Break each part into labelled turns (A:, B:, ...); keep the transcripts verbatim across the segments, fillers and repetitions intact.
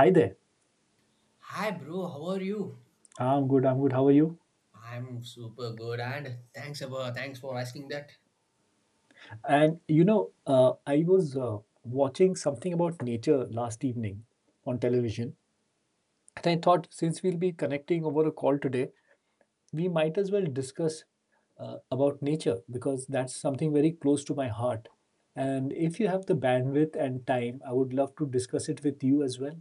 A: Hi there.
B: Hi bro, how are you?
A: I'm good. I'm good. How are you?
B: I'm super good and thanks about thanks for asking that.
A: And you know, uh, I was uh, watching something about nature last evening on television. And I thought, since we'll be connecting over a call today, we might as well discuss uh, about nature, because that's something very close to my heart. And if you have the bandwidth and time, I would love to discuss it with you as well.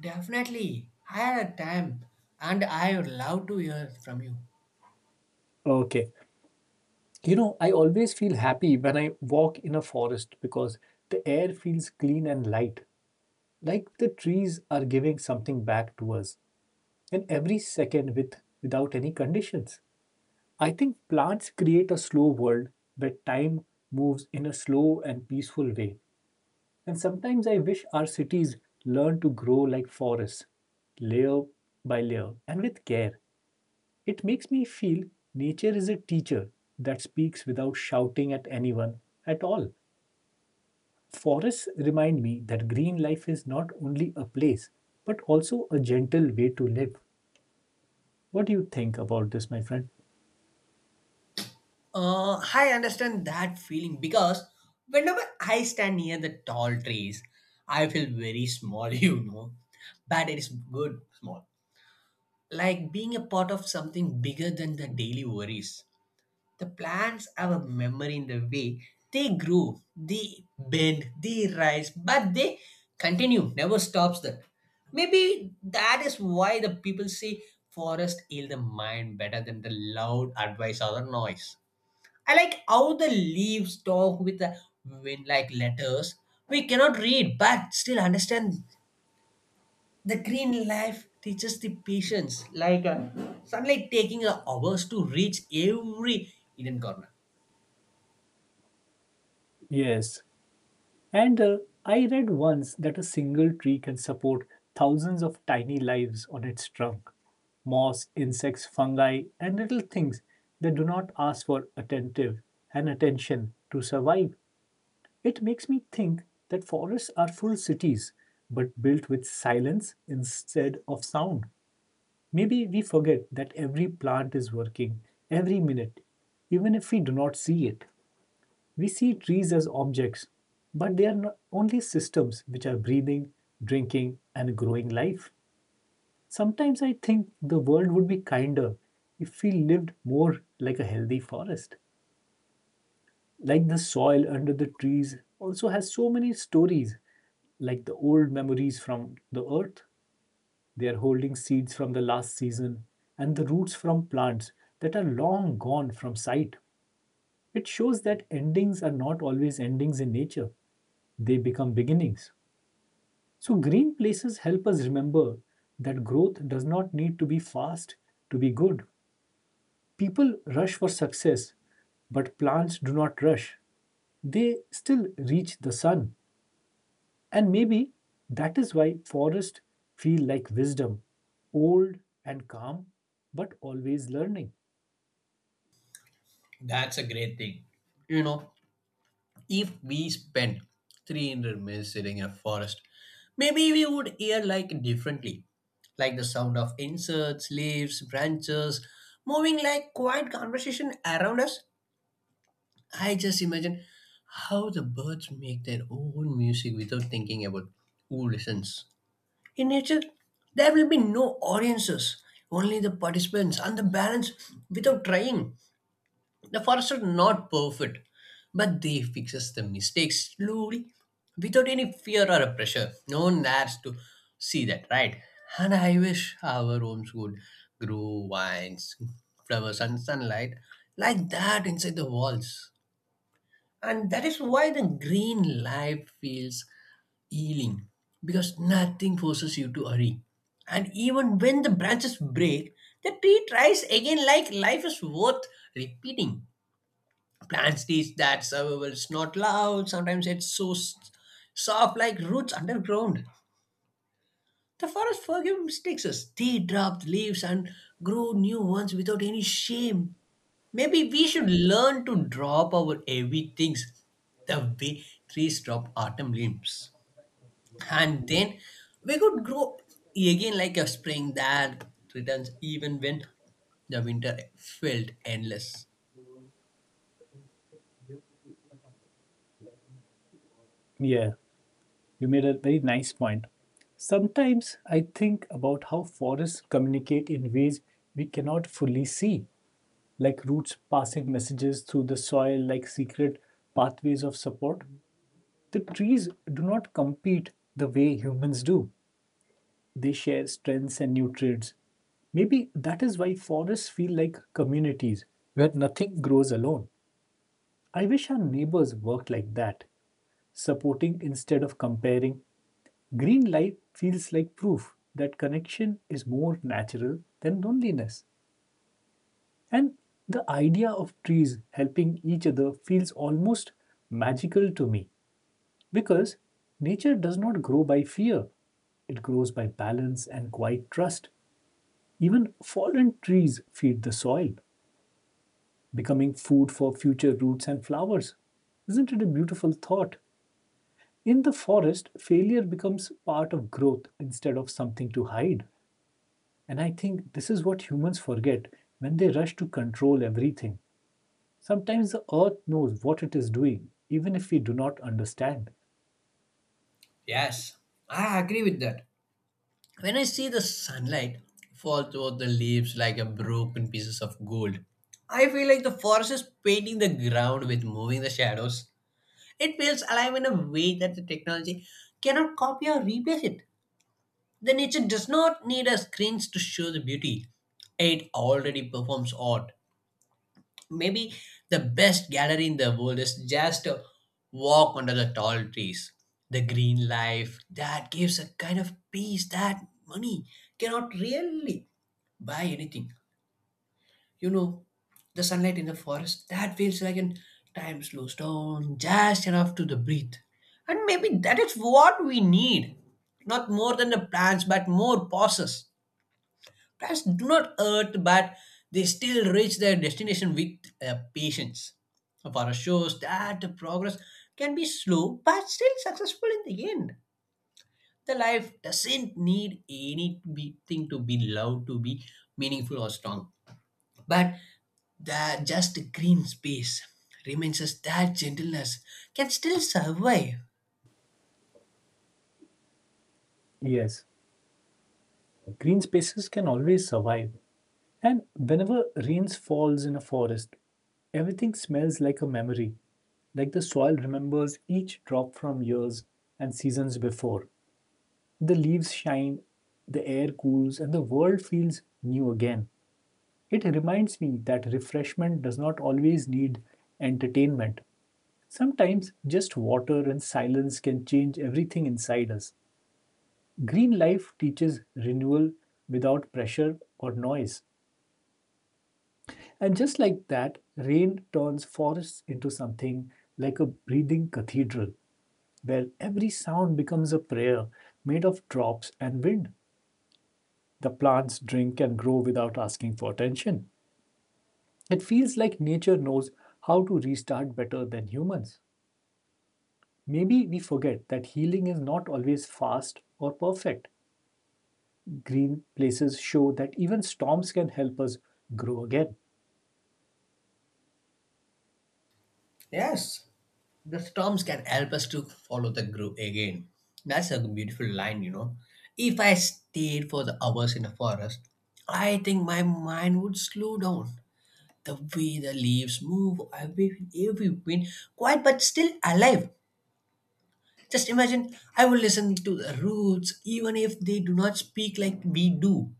B: Definitely. I had a time and I would love to hear from you.
A: Okay. You know, I always feel happy when I walk in a forest, because the air feels clean and light, like the trees are giving something back to us in every second, with without any conditions. I think plants create a slow world where time moves in a slow and peaceful way. And sometimes I wish our cities learn to grow like forests, layer by layer and with care. It makes me feel nature is a teacher that speaks without shouting at anyone at all. Forests remind me that green life is not only a place, but also a gentle way to live. What do you think about this, my friend?
B: Uh, I understand that feeling because whenever I stand near the tall trees, I feel very small, you know. But it is good small. Like being a part of something bigger than the daily worries. The plants have a memory in the way they grow, they bend, they rise, but they continue, never stops them. Maybe that is why the people say forest heal the mind better than the loud advice or the noise. I like how the leaves talk with the wind like letters. We cannot read but still understand. The green life teaches the patience, like uh, sunlight taking uh, hours to reach every hidden corner.
A: Yes. And uh, I read once that a single tree can support thousands of tiny lives on its trunk. Moss, insects, fungi, and little things that do not ask for attentive and attention to survive. It makes me think that forests are full cities, but built with silence instead of sound. Maybe we forget that every plant is working every minute, even if we do not see it. We see trees as objects, but they are no- only systems which are breathing, drinking, and growing life. Sometimes I think the world would be kinder if we lived more like a healthy forest. Like the soil under the trees also has so many stories, like the old memories from the earth. They are holding seeds from the last season and the roots from plants that are long gone from sight. It shows that endings are not always endings in nature, they become beginnings. So, green places help us remember that growth does not need to be fast to be good. People rush for success, but plants do not rush. They still reach the sun. And maybe that is why forests feel like wisdom, old and calm, but always learning.
B: That's a great thing. You know, if we spend three hundred minutes sitting in a forest, maybe we would hear like differently, like the sound of insects, leaves, branches, moving like quiet conversation around us. I just imagine how the birds make their own music without thinking about who listens. In nature, there will be no audiences, only the participants and the balance without trying. The forests are not perfect, but they fixes the mistakes slowly without any fear or pressure. No one dares to see that, right? And I wish our homes would grow vines, flowers, and sunlight like that inside the walls. And that is why the green life feels healing because nothing forces you to hurry. And even when the branches break, the tree tries again like life is worth repeating plants teach that survival is not loud. Sometimes it's so s- soft, like roots underground. The forest forgive mistakes us. They drop leaves and grow new ones without any shame. Maybe we should learn to drop our heavy things the way trees drop autumn leaves. And then we could grow again like a spring that returns even when the winter felt endless.
A: Yeah, you made a very nice point. Sometimes I think about how forests communicate in ways we cannot fully see, like roots passing messages through the soil, like secret pathways of support. The trees do not compete the way humans do. They share strengths and nutrients. Maybe that is why forests feel like communities where nothing grows alone. I wish our neighbors worked like that, supporting instead of comparing. Green life feels like proof that connection is more natural than loneliness. And the idea of trees helping each other feels almost magical to me, because nature does not grow by fear, it grows by balance and quiet trust. Even fallen trees feed the soil, becoming food for future roots and flowers. Isn't it a beautiful thought? In the forest, failure becomes part of growth instead of something to hide. And I think this is what humans forget when they rush to control everything. Sometimes the earth knows what it is doing, even if we do not understand.
B: Yes, I agree with that. When I see the sunlight fall through the leaves like a broken pieces of gold, I feel like the forest is painting the ground with moving the shadows. It feels alive in a way that the technology cannot copy or replace it. The nature does not need a screens to show the beauty. It already performs art, maybe the best gallery in the world is just a walk under the tall trees. The green life that gives a kind of peace that money cannot really buy anything, you know. The sunlight in the forest that feels like an time slows down just enough to the breathe. And maybe that is what we need, not more than the plants but more pauses. Plants do not hurt, but they still reach their destination with uh, patience. For shows that the progress can be slow, but still successful in the end. The life doesn't need anything to be loved to be meaningful or strong, but the just green space reminds us that gentleness can still survive.
A: Yes, green spaces can always survive. And whenever rain falls in a forest, everything smells like a memory. Like the soil remembers each drop from years and seasons before. The leaves shine, the air cools, and the world feels new again. It reminds me that refreshment does not always need entertainment. Sometimes just water and silence can change everything inside us. Green life teaches renewal without pressure or noise. And just like that, rain turns forests into something like a breathing cathedral, where every sound becomes a prayer made of drops and wind. The plants drink and grow without asking for attention. It feels like nature knows how to restart better than humans. Maybe we forget that healing is not always fast or perfect. Green places show that even storms can help us grow again.
B: Yes. The storms can help us to follow the group again. That's a beautiful line, you know. If I stayed for the hours in a forest, I think my mind would slow down. The way the leaves move, every every wind, quiet but still alive. Just imagine, I would listen to the roots, even if they do not speak like we do.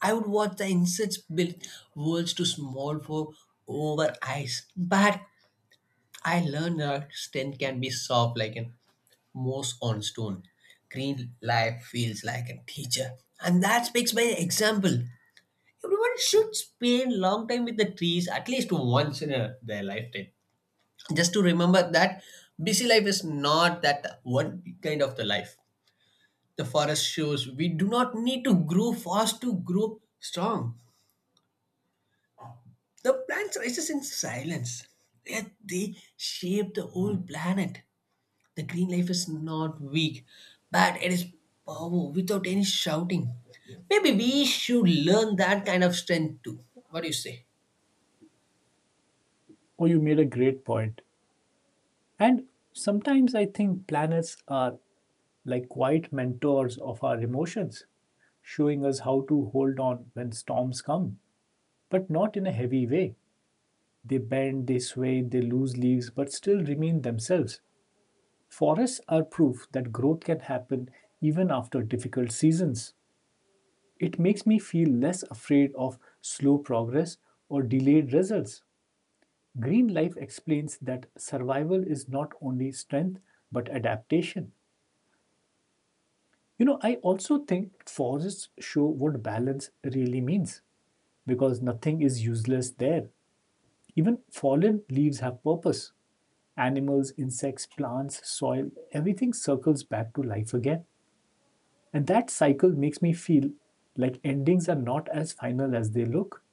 B: I would watch the insects build worlds too small for over eyes. But I learned that strength can be soft like an Moss on stone. Green life feels like a teacher. And that speaks by example. Everyone should spend long time with the trees at least once in a, their lifetime. Just to remember that busy life is not that one kind of the life. The forest shows we do not need to grow fast to grow strong. The plants rises in silence. Yet they shape the whole planet. The green life is not weak, but it is power without any shouting. Maybe we should learn that kind of strength too. What do you say?
A: Oh, you made a great point. And sometimes I think planets are like quiet mentors of our emotions, showing us how to hold on when storms come, but not in a heavy way. They bend, they sway, they lose leaves, but still remain themselves. Forests are proof that growth can happen even after difficult seasons. It makes me feel less afraid of slow progress or delayed results. Green life explains that survival is not only strength but adaptation. You know, I also think forests show what balance really means, because nothing is useless there. Even fallen leaves have purpose. Animals, insects, plants, soil, everything circles back to life again. And that cycle makes me feel like endings are not as final as they look.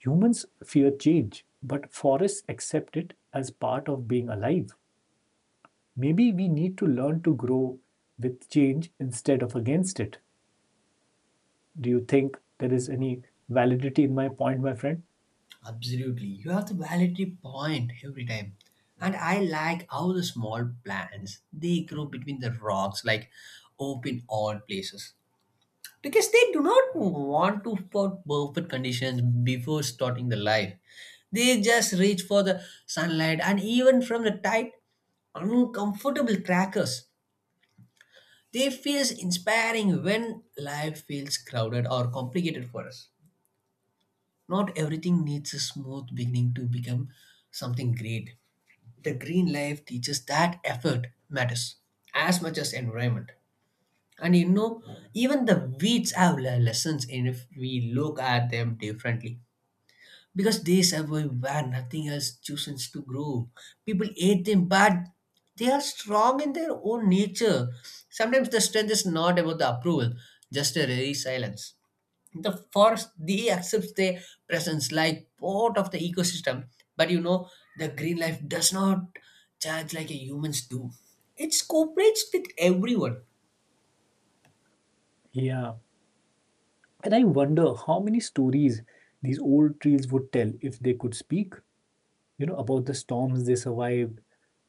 A: Humans fear change, but forests accept it as part of being alive. Maybe we need to learn to grow with change instead of against it. Do you think there is any validity in my point, my friend?
B: Absolutely. You have the validity point every time. And I like how the small plants they grow between the rocks like open all places, because they do not want to for perfect conditions before starting the life. They just reach for the sunlight and even from the tight uncomfortable crackers they feels inspiring when life feels crowded or complicated for us. Not everything needs a smooth beginning to become something great. The green life teaches that effort matters as much as environment. And you know, even the weeds have le- lessons in if we look at them differently, because they survive where nothing else chooses to grow. People hate them but they are strong in their own nature. Sometimes the strength is not about the approval, just a resilience. The forest they accept their presence like part of the ecosystem. But you know, the green life does not charge like a humans do, it cooperates with everyone.
A: Yeah. And I wonder how many stories these old trees would tell if they could speak, you know, about the storms they survived,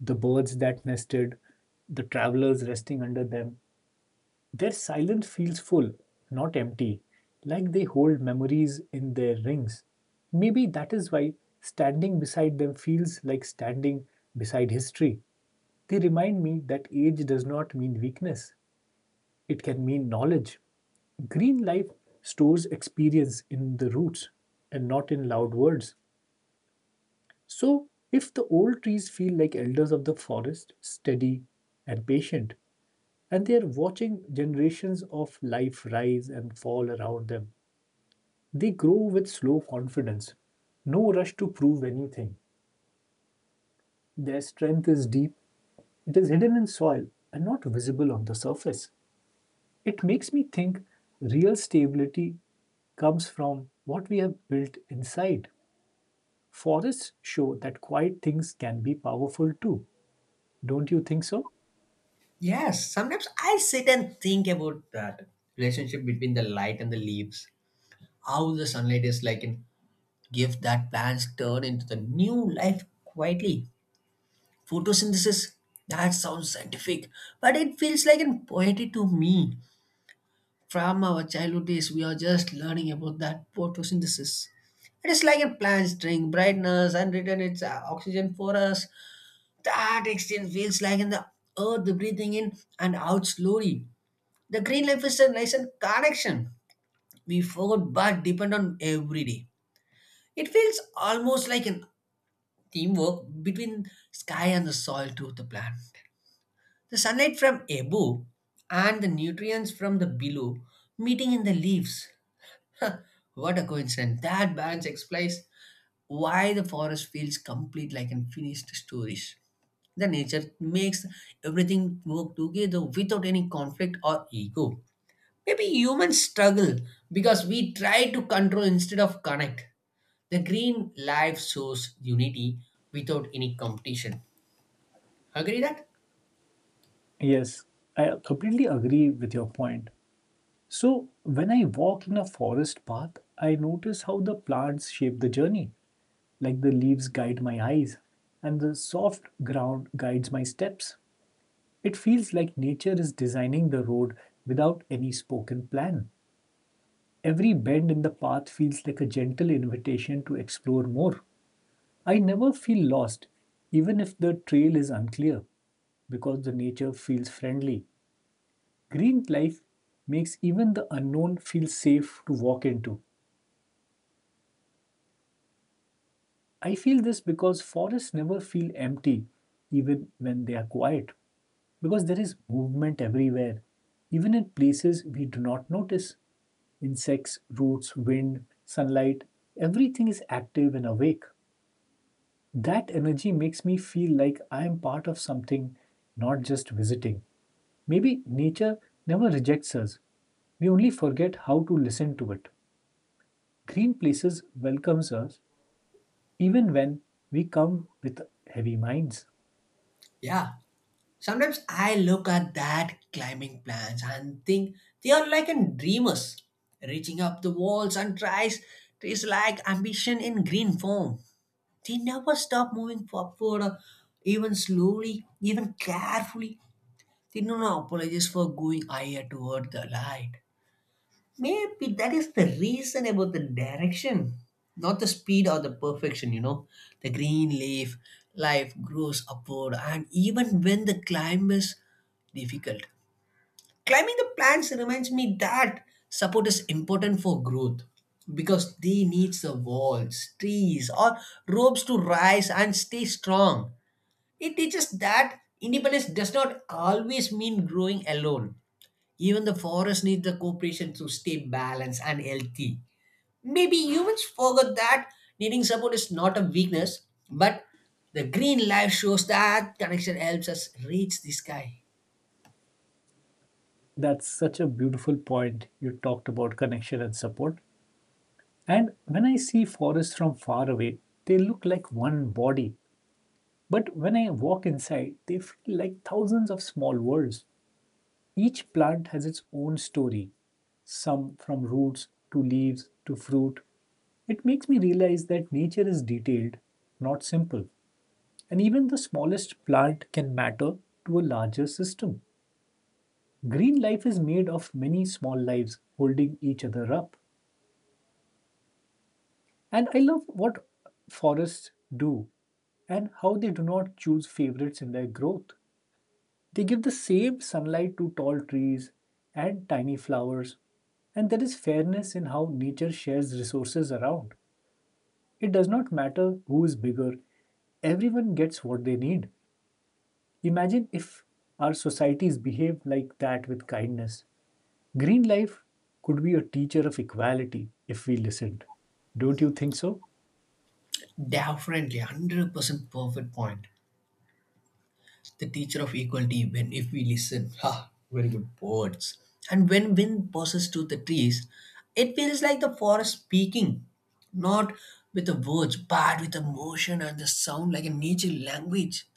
A: the birds that nested, the travelers resting under them. Their silence feels full, not empty, like they hold memories in their rings. Maybe that is why standing beside them feels like standing beside history. They remind me that age does not mean weakness, it can mean knowledge. Green life stores experience in the roots and not in loud words. So, if the old trees feel like elders of the forest, steady and patient, and they are watching generations of life rise and fall around them, they grow with slow confidence. No rush to prove anything. Their strength is deep, it is hidden in soil and not visible on the surface. It makes me think real stability comes from what we have built inside. Forests show that quiet things can be powerful too. Don't you think so?
B: Yes, sometimes I sit and think about that relationship between the light and the leaves. How the sunlight is like a gift that plants turn into the new life quietly. Photosynthesis, that sounds scientific, but it feels like a poetry to me. From our childhood days, we are just learning about that photosynthesis. It is like a plant string, brightness, and return its uh, oxygen for us. That exchange feels like in the earth breathing in and out slowly. The green life is a nice connection we forgot but depend on every day. It feels almost like an teamwork between sky and the soil to the plant. The sunlight from above and the nutrients from the below meeting in the leaves. Huh, what a coincidence. That balance explains why the forest feels complete like an finished stories. The nature makes everything work together without any conflict or ego. Maybe humans struggle because we try to control instead of connect. The green life shows unity without any competition. Agree that?
A: Yes, I completely agree with your point. So, when I walk in a forest path, I notice how the plants shape the journey, like the leaves guide my eyes, and the soft ground guides my steps. It feels like nature is designing the road without any spoken plan. Every bend in the path feels like a gentle invitation to explore more. I never feel lost, even if the trail is unclear, because the nature feels friendly. Green life makes even the unknown feel safe to walk into. I feel this because forests never feel empty, even when they are quiet, because there is movement everywhere, even in places we do not notice. Insects, roots, wind, sunlight, everything is active and awake. That energy makes me feel like I am part of something, not just visiting. Maybe nature never rejects us. We only forget how to listen to it. Green places welcomes us even when we come with heavy minds.
B: Yeah. Sometimes I look at that climbing plants and think they are like a dreamers reaching up the walls and tries trees like ambition in green form. They never stop moving forward, or even slowly, even carefully. They do not apologize for going higher toward the light. Maybe that is the reason about the direction, not the speed or the perfection, you know. The green leaf, life grows upward, and even when the climb is difficult. Climbing the plants reminds me that support is important for growth because they need the walls, trees, or ropes to rise and stay strong. It teaches that independence does not always mean growing alone. Even the forest needs the cooperation to stay balanced and healthy. Maybe humans forgot that needing support is not a weakness, but the green life shows that connection helps us reach the sky.
A: That's such a beautiful point you talked about connection and support. And when I see forests from far away, they look like one body. But when I walk inside, they feel like thousands of small worlds. Each plant has its own story, some from roots to leaves to fruit. It makes me realize that nature is detailed, not simple, and even the smallest plant can matter to a larger system. Green life is made of many small lives holding each other up. And I love what forests do and how they do not choose favorites in their growth. They give the same sunlight to tall trees and tiny flowers, and there is fairness in how nature shares resources around. It does not matter who is bigger, everyone gets what they need. Imagine if our societies behave like that with kindness. Green life could be a teacher of equality if we listened. Don't you think so?
B: Definitely, one hundred percent perfect point. The teacher of equality, when if we listen, ha, very good words. And when wind passes through the trees, it feels like the forest speaking, not with the words, but with the motion and the sound like a nature language.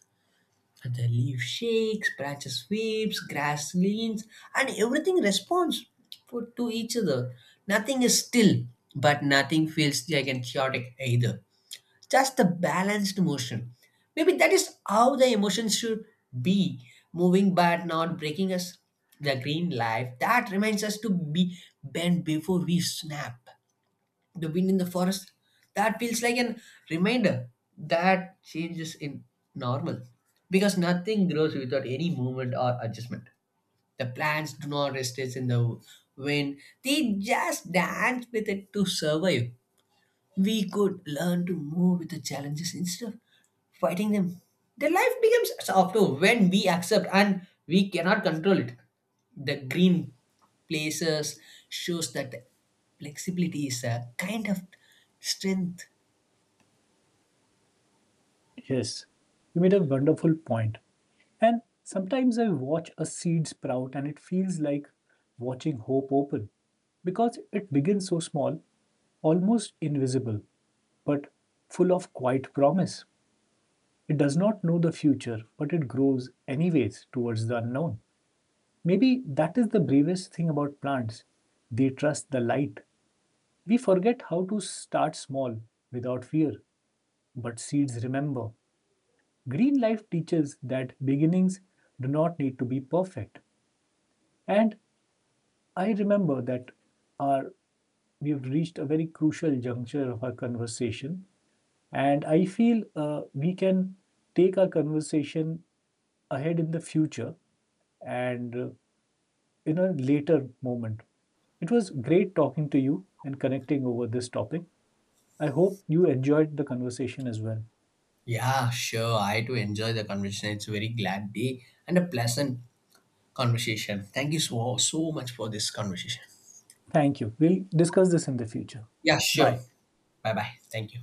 B: The leaf shakes, branches waves, grass leans, and everything responds for, to each other. Nothing is still, but nothing feels gigantic chaotic either. Just the balanced motion. Maybe that is how the emotions should be moving but not breaking us. The green life that reminds us to be bent before we snap. The wind in the forest that feels like an reminder that change is in normal, because nothing grows without any movement or adjustment. The plants do not resist in the wind, they just dance with it to survive. We could learn to move with the challenges instead of fighting them. The life becomes softer when we accept and we cannot control it. The green places shows that flexibility is a kind of strength.
A: Yes. You made a wonderful point. And sometimes I watch a seed sprout and it feels like watching hope open, because it begins so small, almost invisible, but full of quiet promise. It does not know the future, but it grows anyways towards the unknown. Maybe that is the bravest thing about plants. They trust the light. We forget how to start small without fear, but seeds remember. Green life teaches that beginnings do not need to be perfect, and I remember that our we've reached a very crucial juncture of our conversation, and I feel uh, we can take our conversation ahead in the future, and uh, in a later moment. It was great talking to you and connecting over this topic. I hope you enjoyed the conversation as well.
B: Yeah, sure. I do enjoy the conversation. It's a very glad day and a pleasant conversation. Thank you so so much for this conversation.
A: Thank you. We'll discuss this in the future.
B: Yeah, sure.
A: Bye.
B: Bye bye. Thank you.